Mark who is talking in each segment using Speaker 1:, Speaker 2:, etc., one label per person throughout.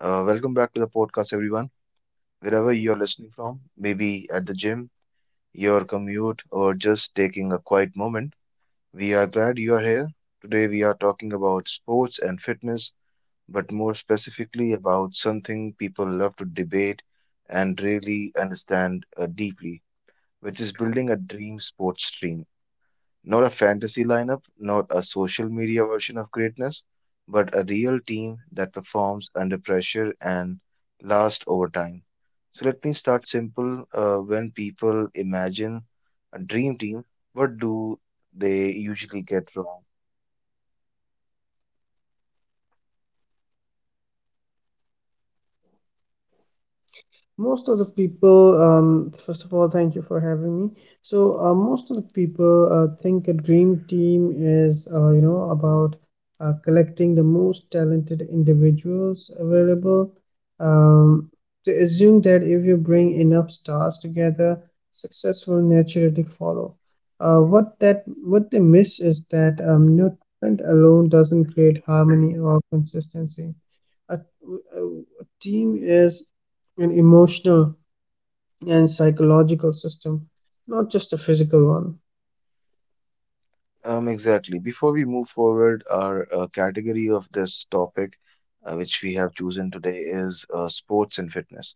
Speaker 1: Welcome back to the podcast, everyone. Wherever you're listening from, maybe at the gym, your commute, or just taking a quiet moment, we are glad you are here. Today, we are talking about sports and fitness, but more specifically about something people love to debate and really understand deeply, which is building a dream sports team. Not a fantasy lineup, not a social media version of greatness, but a real team that performs under pressure and lasts over time. So let me start simple. When people imagine a dream team, what do they usually get wrong?
Speaker 2: Most of the people, first of all, thank you for having me. So most of the people think a dream team is, you know, about collecting the most talented individuals available. um, they assume that if you bring enough stars together, success will naturally follow. What they miss is that, no, talent alone doesn't create harmony or consistency. A, a, a team is an emotional and psychological system, not just a physical one.
Speaker 1: Exactly. Before we move forward, our category of this topic, which we have chosen today, is sports and fitness.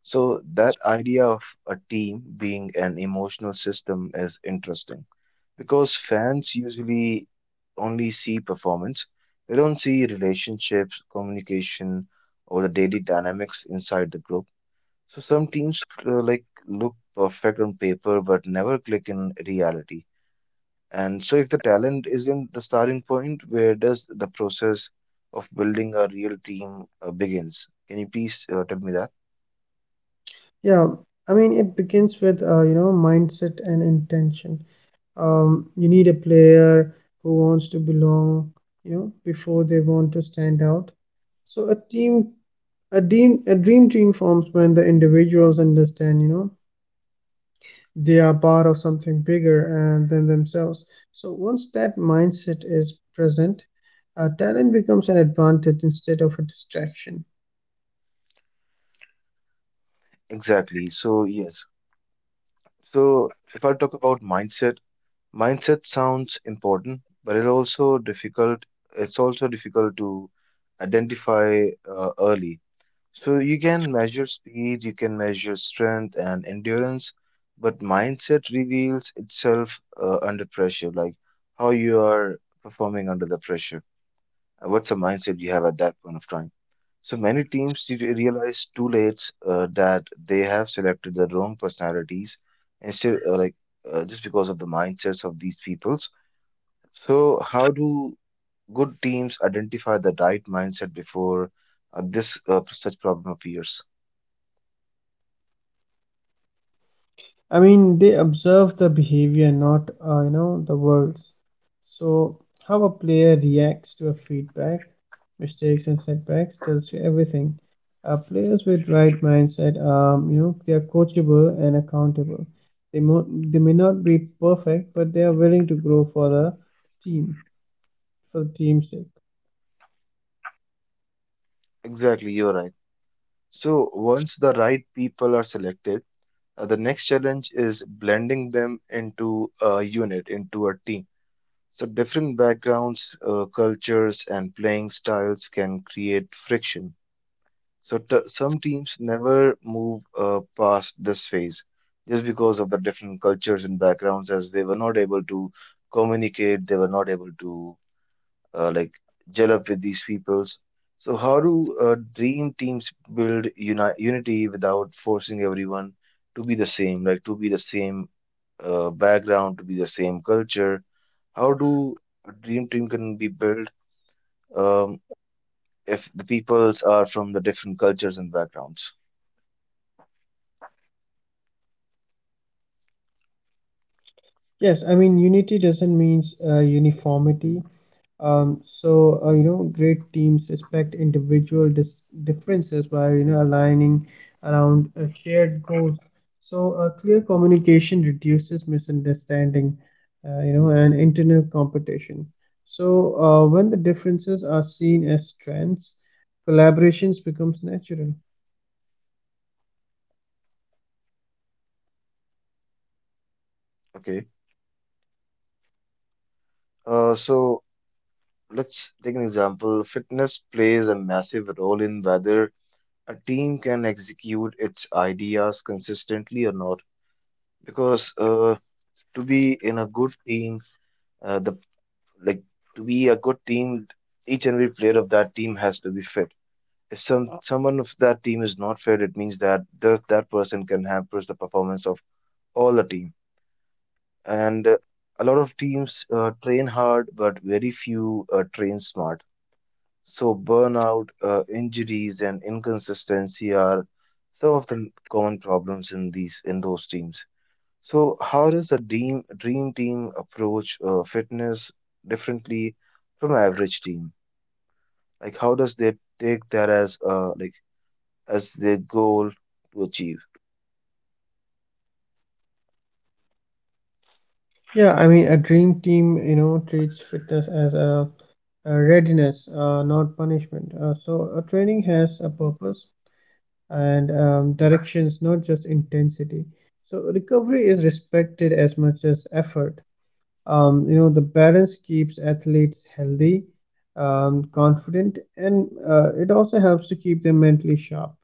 Speaker 1: So that idea of a team being an emotional system is interesting because fans usually only see performance. They don't see relationships, communication, or the daily dynamics inside the group. So some teams like look perfect on paper but never click in reality. And so if the talent isn't the starting point, where does the process of building a real team begins? Can you please tell me that?
Speaker 2: Yeah, I mean, it begins with, you know, mindset and intention. You need a player who wants to belong, you know, before they want to stand out. So a dream team forms when the individuals understand, you know, they are part of something bigger and than themselves. So once that mindset is present, talent becomes an advantage instead of a distraction.
Speaker 1: Exactly. So, if I talk about mindset, mindset sounds important, but it also difficult. It's also difficult to identify early. So you can measure speed, you can measure strength and endurance, but mindset reveals itself under pressure, like how you are performing under the pressure. What's the mindset you have at that point of time? So many teams realize too late that they have selected the wrong personalities instead, like just because of the mindsets of these peoples. So how do good teams identify the right mindset before this such problem appears?
Speaker 2: I mean, they observe the behavior, not, you know, the words. So how a player reacts to a feedback, mistakes and setbacks tells you everything. Players with right mindset, you know, they are coachable and accountable. They they may not be perfect, but they are willing to grow for the team, for the team's sake.
Speaker 1: Exactly, you're right. So once the right people are selected, the next challenge is blending them into a unit, into a team. So, different backgrounds, cultures, and playing styles can create friction. So, some teams never move past this phase just because of the different cultures and backgrounds, as they were not able to communicate, they were not able to like gel up with these peoples. So, how do dream teams build unity without forcing everyone to be the same, like to be the same background, to be the same culture? How do a dream team can be built um, if the peoples are from the different cultures and backgrounds?
Speaker 2: Yes, I mean, unity doesn't mean uniformity. You know, great teams respect individual differences by, you know, aligning around shared goals. So clear communication reduces misunderstanding, you know, and internal competition. So when the differences are seen as strengths, collaborations becomes natural.
Speaker 1: Okay. So let's take an example. Fitness plays a massive role in whether a team can execute its ideas consistently or not. Because to be in a good team, the like to be a good team, each and every player of that team has to be fit. If someone of that team is not fit, it means that the, that person can hamper the performance of all the team. And a lot of teams train hard, but very few train smart. So burnout, injuries, and inconsistency are some of the common problems in these in those teams. So how does a dream team approach fitness differently from an average team? Like how does they take that as like as their goal to achieve?
Speaker 2: Yeah, I mean, a dream team, you know, treats fitness as a readiness, not punishment. So a training has a purpose and, directions, not just intensity. So recovery is respected as much as effort. You know, the balance keeps athletes healthy, confident, and it also helps to keep them mentally sharp.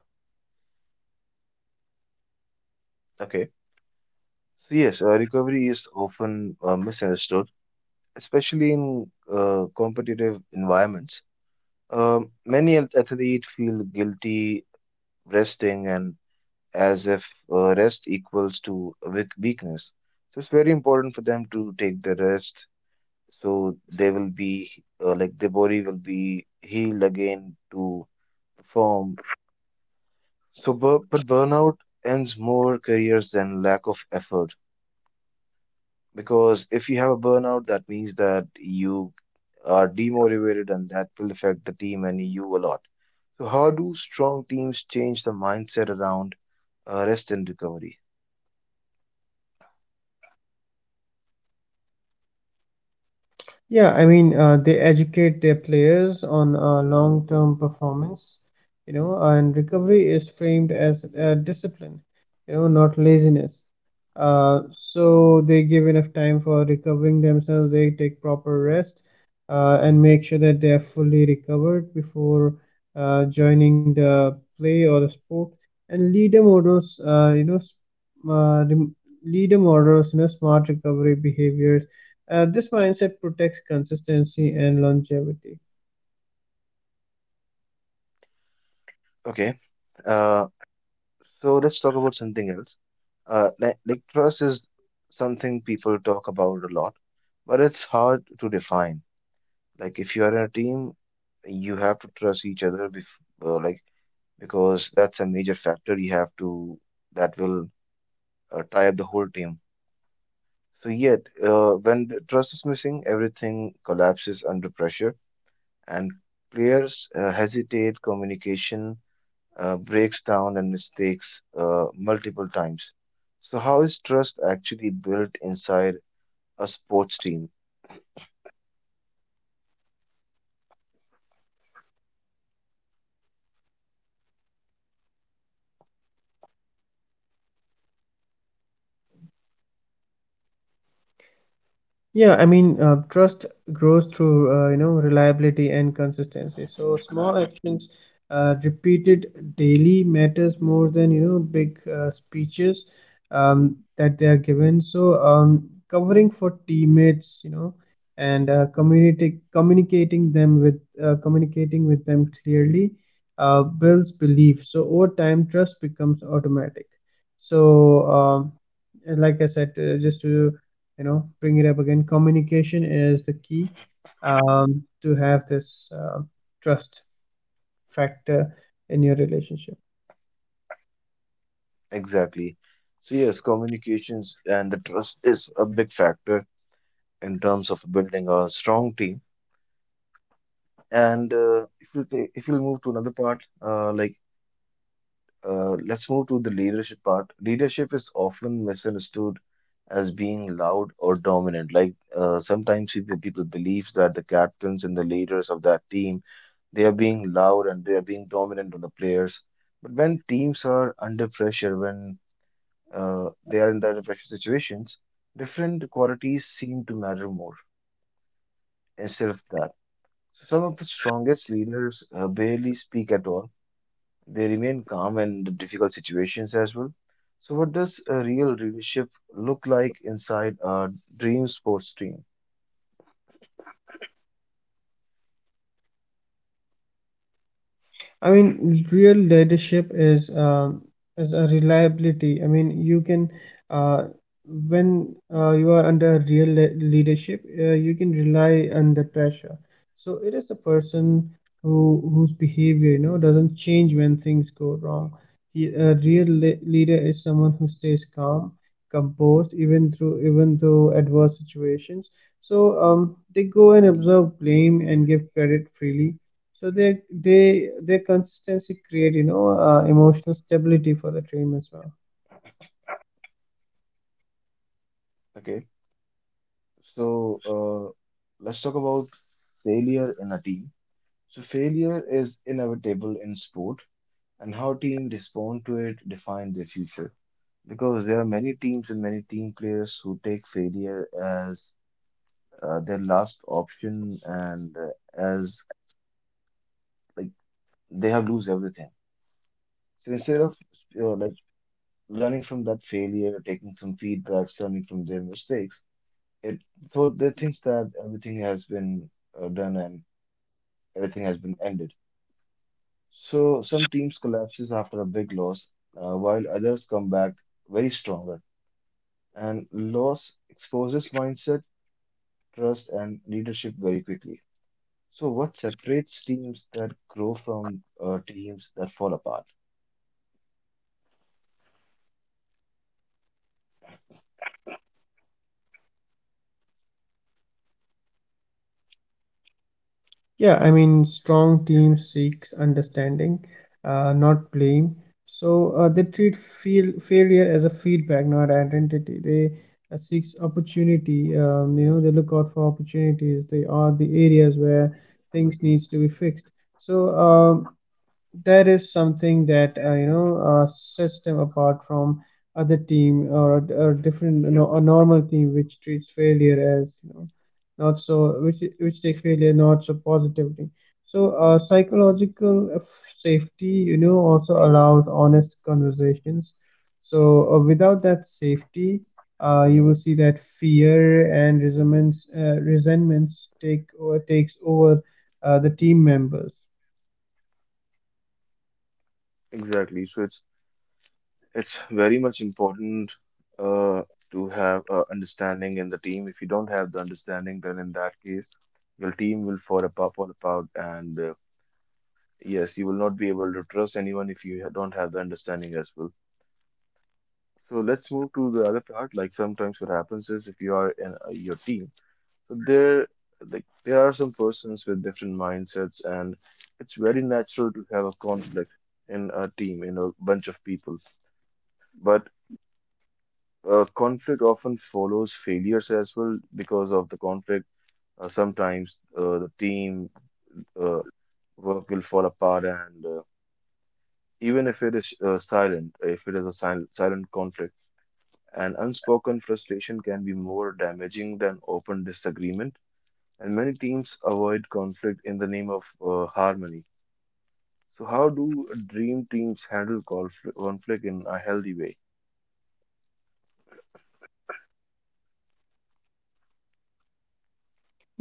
Speaker 1: Okay. So yes, recovery is often misunderstood especially in competitive environments. Many athletes feel guilty resting and as if rest equals to weakness. So it's very important for them to take the rest so they will be like their body will be healed again to perform. So, but burnout ends more careers than lack of effort. Because if you have a burnout, that means that you are demotivated and that will affect the team and you a lot. So, how do strong teams change the mindset around rest and recovery?
Speaker 2: Yeah, I mean, they educate their players on long-term performance, you know, and recovery is framed as discipline, you know, not laziness. So they give enough time for recovering themselves. They take proper rest and make sure that they are fully recovered before joining the play or the sport. And leader models, uh, rem- leader models, you know, smart recovery behaviors. This mindset protects consistency and longevity.
Speaker 1: Okay, uh, so let's talk about something else. Like trust is something people talk about a lot, but it's hard to define. Like, if you are in a team, you have to trust each other, bef like because that's a major factor you have to that will tie up the whole team. So, yet, when the trust is missing, everything collapses under pressure, and players hesitate, communication breaks down, and mistakes multiple times. So, how is trust actually built inside a sports team?
Speaker 2: Yeah, I mean, trust grows through, you know, reliability and consistency. So small actions repeated daily matters more than, you know, big speeches that they are given. So covering for teammates, you know, and community communicating them with communicating with them clearly builds belief. So over time, trust becomes automatic. So, and like I said, just to, you know, bring it up again, communication is the key to have this trust factor in your relationship.
Speaker 1: Exactly. So, yes, communications and the trust is a big factor in terms of building a strong team. And if you if you move to another part, let's move to the leadership part. Leadership is often misunderstood as being loud or dominant. Like sometimes people believe that the captains and the leaders of that team they are being loud and they are being dominant on the players. But when teams are under pressure, when they are in that pressure situations, different qualities seem to matter more instead of that. So some of the strongest leaders barely speak at all, they remain calm in the difficult situations as well. So, what does a real leadership look like inside a dream sports team?
Speaker 2: I mean, real leadership is, is a reliability. I mean, you can, uh, when, you are under real leadership, you can rely under pressure. So it is a person who, whose behavior, you know, doesn't change when things go wrong. A real leader is someone who stays calm, composed even through even though adverse situations. So they go and observe blame and give credit freely. So they their consistency create, you know, emotional stability for the team as well.
Speaker 1: Okay, so let's talk about failure in a team. So, failure is inevitable in sport, and how teams respond to it define their future. Because there are many teams and many team players who take failure as their last option and as like they have lose everything. So instead of like learning from that failure, taking some feedbacks, learning from their mistakes. It so they think that everything has been done and everything has been ended. So some teams collapses after a big loss, while others come back very stronger. And loss exposes mindset, trust, and leadership very quickly. So what separates teams that grow from teams that fall apart?
Speaker 2: Yeah, I mean, strong team seeks understanding, not blame. So they treat feel failure as a feedback, not identity. They seeks opportunity. You know, they look out for opportunities. They are the areas where things needs to be fixed. So that is something that, sets them apart from other team or a, or different no, a normal team which treats failure as, you know, not so, which take failure not so positively. So psychological safety, you know, also allows honest conversations. So without that safety, you will see that fear and resentments, takes over the team members.
Speaker 1: Exactly. So it's very much important uh, to have understanding in the team. If you don't have the understanding, then in that case, your team will fall apart, and yes, you will not be able to trust anyone if you don't have the understanding as well. So let's move to the other part. Like sometimes what happens is if you are in your team, so there are some persons with different mindsets, and it's very natural to have a conflict in a team, in a bunch of people. But conflict often follows failures as well because of the conflict. Sometimes the team uh, work will fall apart, and even if it is silent, if it is a silent conflict, an unspoken frustration can be more damaging than open disagreement. And many teams avoid conflict in the name of harmony. So, how do dream teams handle conflict in a healthy way?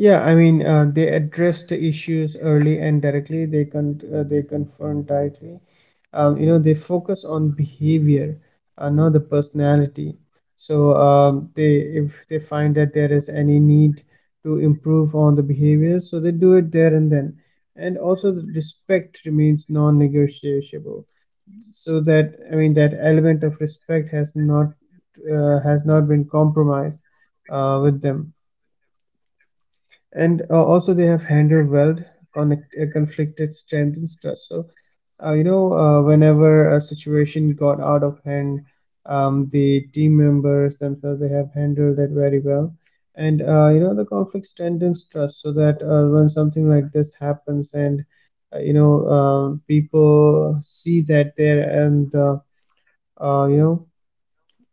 Speaker 2: Yeah, I mean, they address the issues early and directly. They confront directly. You know, they focus on behavior, not the personality. So they, if they find that there is any need to improve on the behavior, so they do it there and then. And also, the respect remains non-negotiable. So that, I mean, that element of respect has not, has not been compromised with them. And also they have handled well conflicted strength and trust. So, whenever a situation got out of hand, the team members themselves, they have handled it very well, and, you know, the conflict strengthens trust. So that when something like this happens, and, you know, people see that there, and, you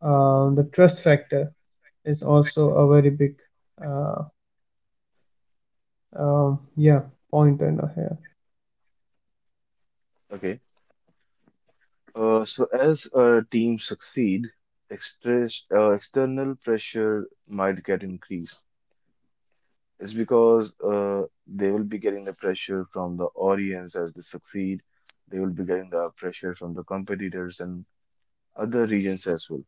Speaker 2: know, the trust factor is also a very big, uh, yeah, point in here.
Speaker 1: Okay. So as a team succeed, express, external pressure might get increased. It's because they will be getting the pressure from the audience as they succeed. They will be getting the pressure from the competitors and other regions as well.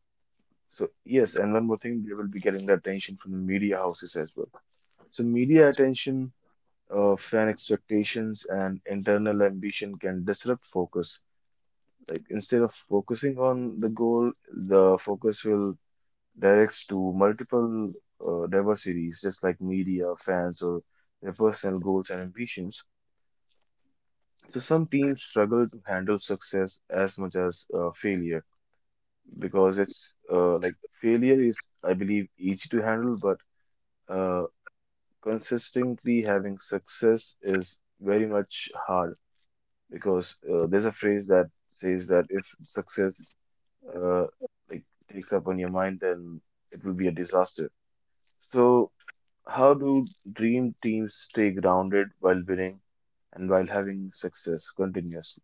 Speaker 1: So yes, and one more thing, they will be getting the attention from the media houses as well. So media attention, fan expectations, and internal ambition can disrupt focus. Like instead of focusing on the goal, the focus will directs to multiple diversities, just like media, fans, or their personal goals and ambitions. So some teams struggle to handle success as much as failure because it's like failure is, I believe, easy to handle, but uh, consistently having success is very much hard because there's a phrase that says that if success uh, like takes up on your mind, then it will be a disaster. So, how do dream teams stay grounded while winning and while having success continuously?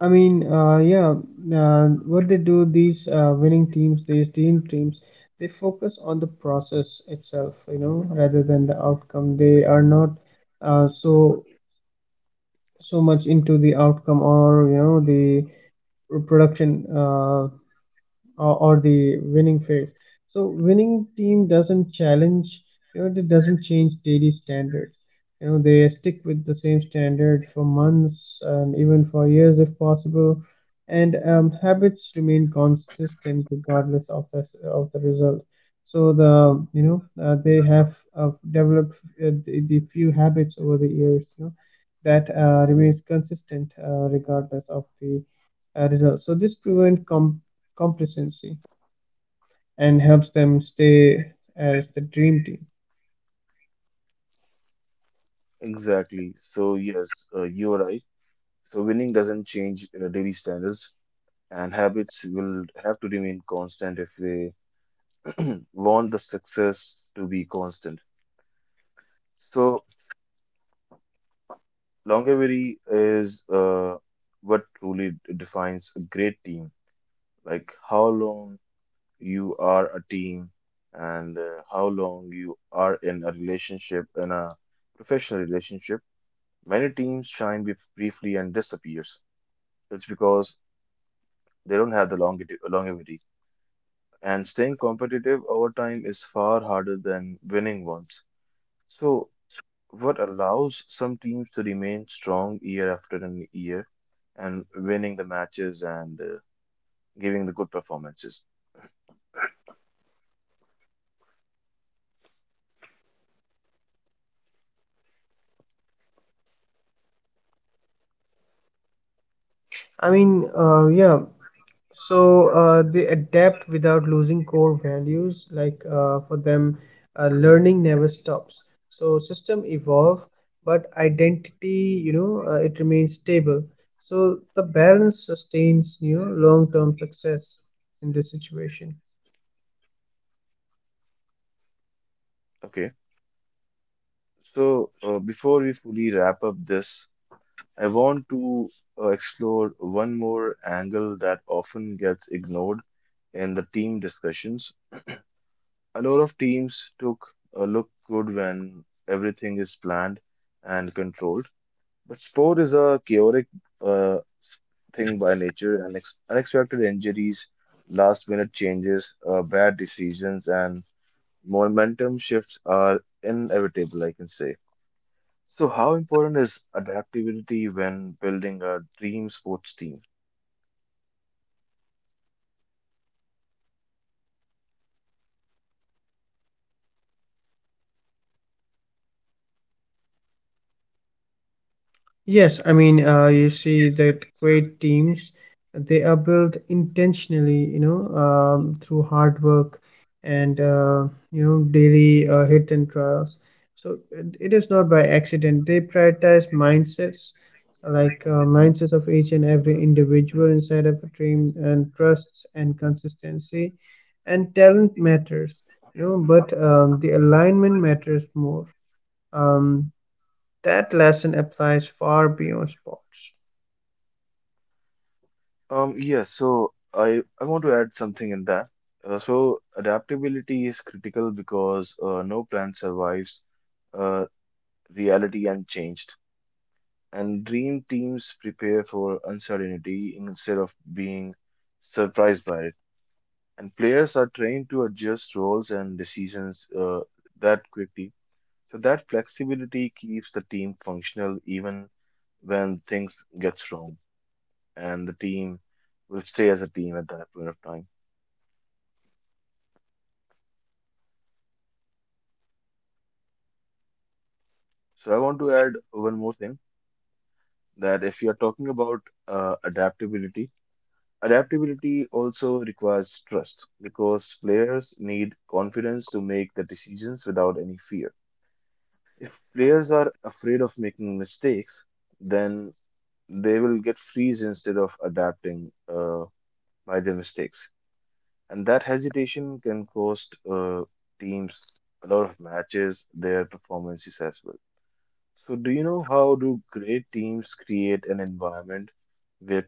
Speaker 2: I mean, yeah, what they do, these winning teams, these teams, they focus on the process itself, you know, rather than the outcome. They are not, uh, so so much into the outcome or, you know, the production. Or the winning phase. So winning team doesn't challenge, you know, it doesn't change daily standards. You know, they stick with the same standard for months and even for years if possible, and, habits remain consistent regardless of the result. So they have developed the few habits over the years, you know, that remains consistent regardless of the results. So this prevent com complacency and helps them stay as the dream team.
Speaker 1: Exactly. So, yes, you are right. So, winning doesn't change daily standards, and habits will have to remain constant if they want the success to be constant. So, longevity is what truly defines a great team. Like, how long you are a team and how long you are in a relationship in a professional relationship, many teams shine briefly and disappears. It's because they don't have the longevity, and staying competitive over time is far harder than winning once. So what allows some teams to remain strong year after an year and winning the matches and giving the good performances?
Speaker 2: I mean, yeah. So they adapt without losing core values. Like for them, learning never stops. So system evolve, but identity, you know, it remains stable. So the balance sustains, you know, long-term success in this situation.
Speaker 1: Okay, so before we fully wrap up this, I want to explore one more angle that often gets ignored in the team discussions. A lot of teams took a look good when everything is planned and controlled, but sport is a chaotic uh, s- thing by nature, and ex unexpected injuries, last-minute changes, bad decisions, and momentum shifts are inevitable, I can say. So, how important is adaptability when building a dream sports team?
Speaker 2: Yes, I mean, you see that great teams, they are built intentionally, you know, through hard work and, you know, daily hit and trials. So it is not by accident. They prioritize mindsets, like, mindsets of each and every individual inside of a team, and trusts and consistency, and talent matters, you know, but, the alignment matters more. Um, that lesson applies far beyond sports.
Speaker 1: Yes, so I want to add something in that. So, adaptability is critical because no plan survives uh, reality unchanged. And dream teams prepare for uncertainty instead of being surprised by it. And players are trained to adjust roles and decisions that quickly. So, that flexibility keeps the team functional even when things gets wrong and the team will stay as a team at that point of time. So I want to add one more thing that if you are talking about adaptability, adaptability also requires trust because players need confidence to make the decisions without any fear. If players are afraid of making mistakes, then they will get freeze instead of adapting by their mistakes. And that hesitation can cost teams a lot of matches, their performances as well. So, do you know how do great teams create an environment where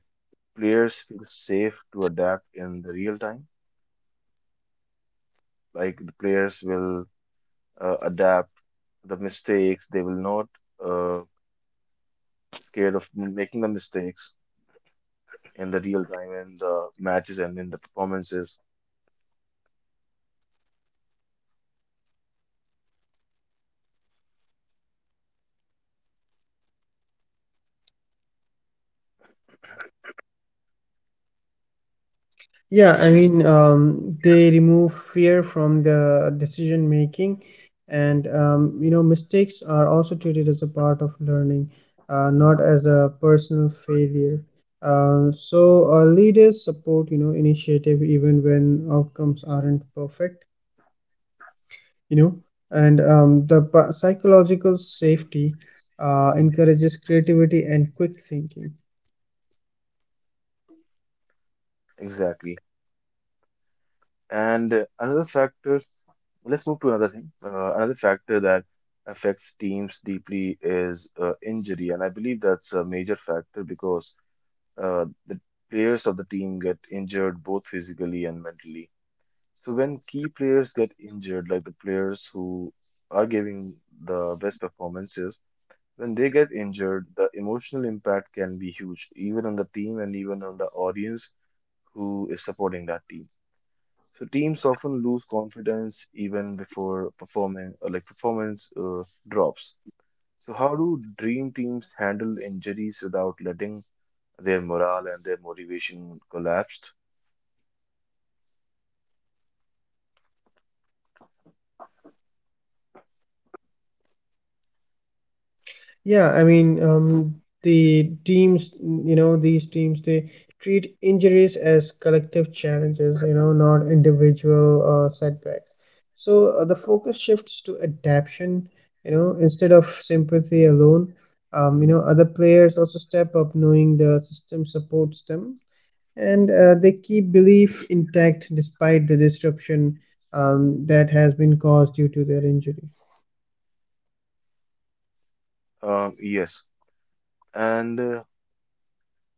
Speaker 1: players feel safe to adapt in the real time? Like the players will adapt the mistakes; they will not uh, scared of making the mistakes in the real time in the matches and in the performances.
Speaker 2: Yeah, I mean, they remove fear from the decision making, and, you know, mistakes are also treated as a part of learning, not as a personal failure. Leaders support, you know, initiative even when outcomes aren't perfect, you know, and, psychological safety encourages creativity and quick thinking.
Speaker 1: Exactly. And another factor. Let's move to another thing. Another factor that affects teams deeply is injury, and I believe that's a major factor because the players of the team get injured both physically and mentally. So when key players get injured, like the players who are giving the best performances, when they get injured, the emotional impact can be huge, even on the team and even on the audience who is supporting that team. So teams often lose confidence even before performing, like performance drops. So how do dream teams handle injuries without letting their morale and their motivation collapse?
Speaker 2: Yeah, I mean, the teams, you know, these teams, they treat injuries as collective challenges, you know, not individual setbacks. So the focus shifts to adaptation, you know, instead of sympathy alone. You know, other players also step up knowing the system supports them, and they keep belief intact despite the disruption that has been caused due to their injury.
Speaker 1: Yes, and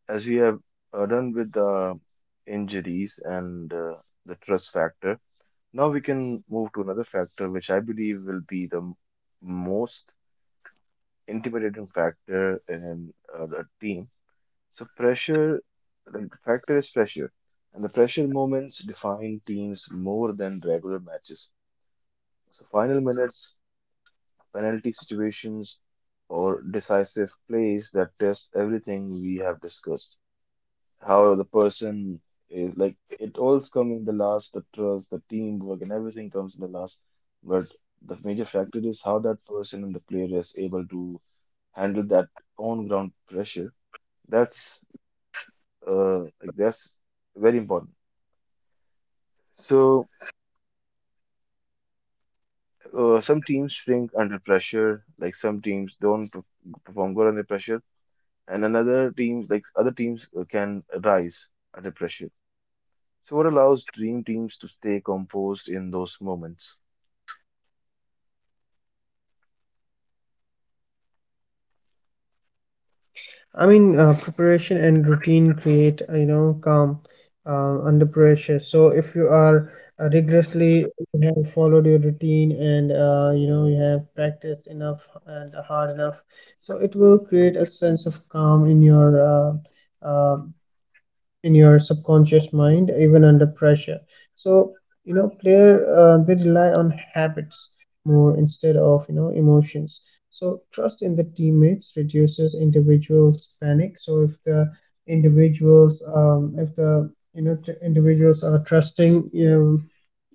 Speaker 1: as we have done with the injuries and the trust factor, now we can move to another factor, which I believe will be the most intimidating factor in a team. So pressure, the factor is pressure, and the pressure moments define teams more than regular matches. So final minutes, penalty situations, or decisive plays that test everything we have discussed. How the person is like it all's come in the last, the trust, the teamwork, and everything comes in the last. But the major factor is how that person and the player is able to handle that on ground pressure. That's that's very important. So some teams shrink under pressure, like some teams don't perform good under pressure, and another team, like other teams, can rise under pressure. So what allows dream teams to stay composed in those moments?
Speaker 2: I mean, preparation and routine create, you know, calm under pressure. So if you are rigorously, you have followed your routine and, you know, you have practiced enough and hard enough, so it will create a sense of calm uh, uh, in your subconscious mind even under pressure. So, you know, player they rely on habits more instead of, you know, emotions. So trust in the teammates reduces individuals panic. So if the individuals, if the, individuals are trusting, um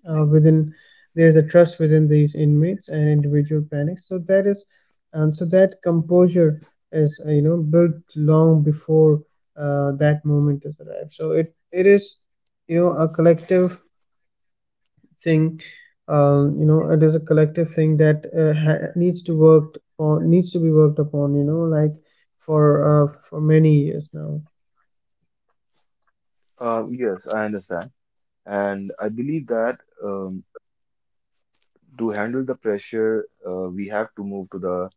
Speaker 2: uh, within, there is a trust within these inmates and individual panics. So that is, so that composure is, you know, built long before that moment is arrived. So it is, you know, a collective thing, you know, it is a collective thing that needs to work on, needs to be worked upon, you know, like for, for many years now.
Speaker 1: Yes, I understand, and I believe that to handle the pressure, we have to move to the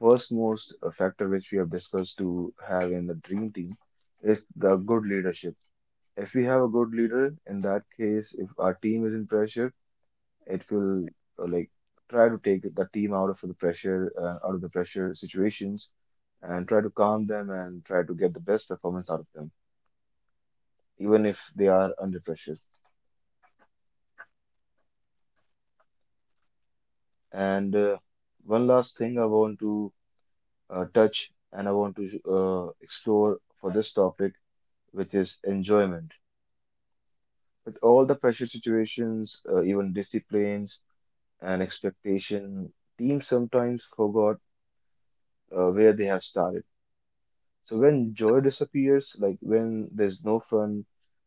Speaker 1: first most factor which we have discussed to have in the dream team is the good leadership. If we have a good leader, in that case, if our team is in pressure, it will uh, like try to take the team out of the pressure, out of the pressure situations, and try to calm them and try to get the best performance out of them, even if they are under pressure. And one last thing I want to touch and I want to explore for this topic, which is enjoyment. With all the pressure situations, even disciplines and expectation, teams sometimes forgot where they have started. So when joy disappears, like when there's no fun,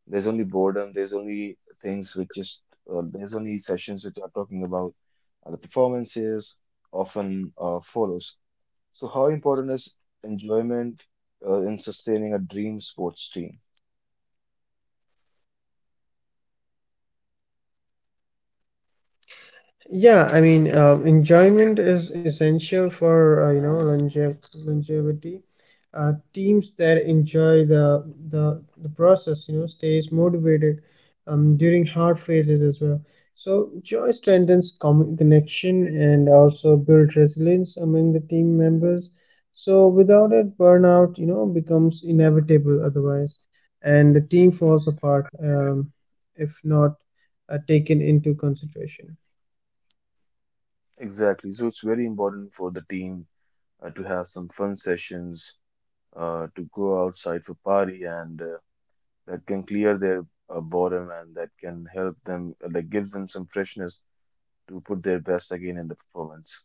Speaker 1: there's only boredom, there's only things which just, there's only sessions which are talking about the performances often follows. So how important is enjoyment in sustaining a dream sports team?
Speaker 2: Yeah, I mean, enjoyment is essential for, longevity. Teams that enjoy the process, you know, stays motivated during hard phases as well. So joy strengthens connection and also builds resilience among the team members. So without it, burnout, you know, becomes inevitable otherwise, and the team falls apart, if not taken into consideration.
Speaker 1: Exactly. So it's very important for the team to have some fun sessions, to go outside for party and that can clear their boredom and that can help them, that gives them some freshness to put their best again in the performance.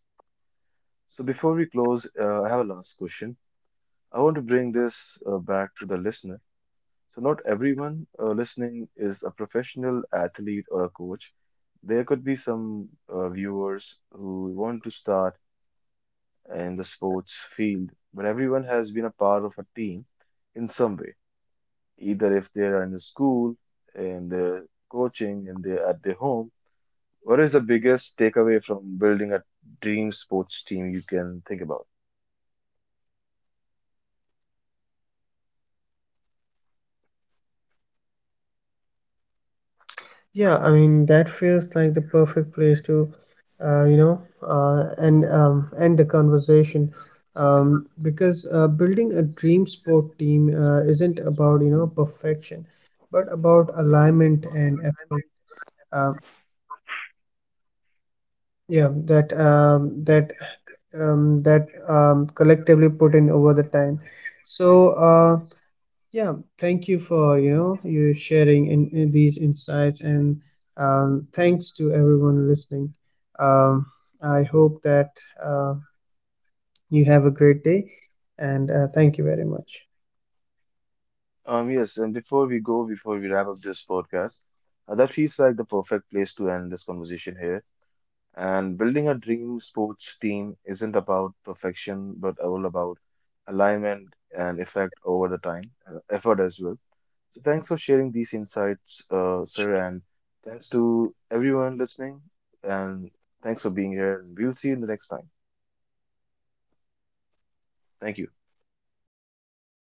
Speaker 1: So before we close, I have a last question. I want to bring this back to the listener. So not everyone listening is a professional athlete or a coach. There could be some viewers who want to start in the sports field, but everyone has been a part of a team in some way, either if they are in the school, in the coaching, and they at their home. What is the biggest takeaway from building a dream sports team you can think about?
Speaker 2: Yeah, I mean, that feels like the perfect place to, you know, and end the conversation, because building a dream sport team isn't about, you know, perfection, but about alignment and effort. Um, yeah, that, collectively put in over the time. So yeah, thank you for, you know, you sharing in, these insights, and, thanks to everyone listening. Um, I hope that you have a great day, and thank you very much.
Speaker 1: Yes, and before we go, before we wrap up this podcast, that feels like the perfect place to end this conversation here. And building a dream sports team isn't about perfection, but all about alignment and effect over the time, effort as well. So thanks for sharing these insights, sir, and thanks to everyone listening, and thanks for being here. We'll see you in the next time. Thank you.
Speaker 2: You're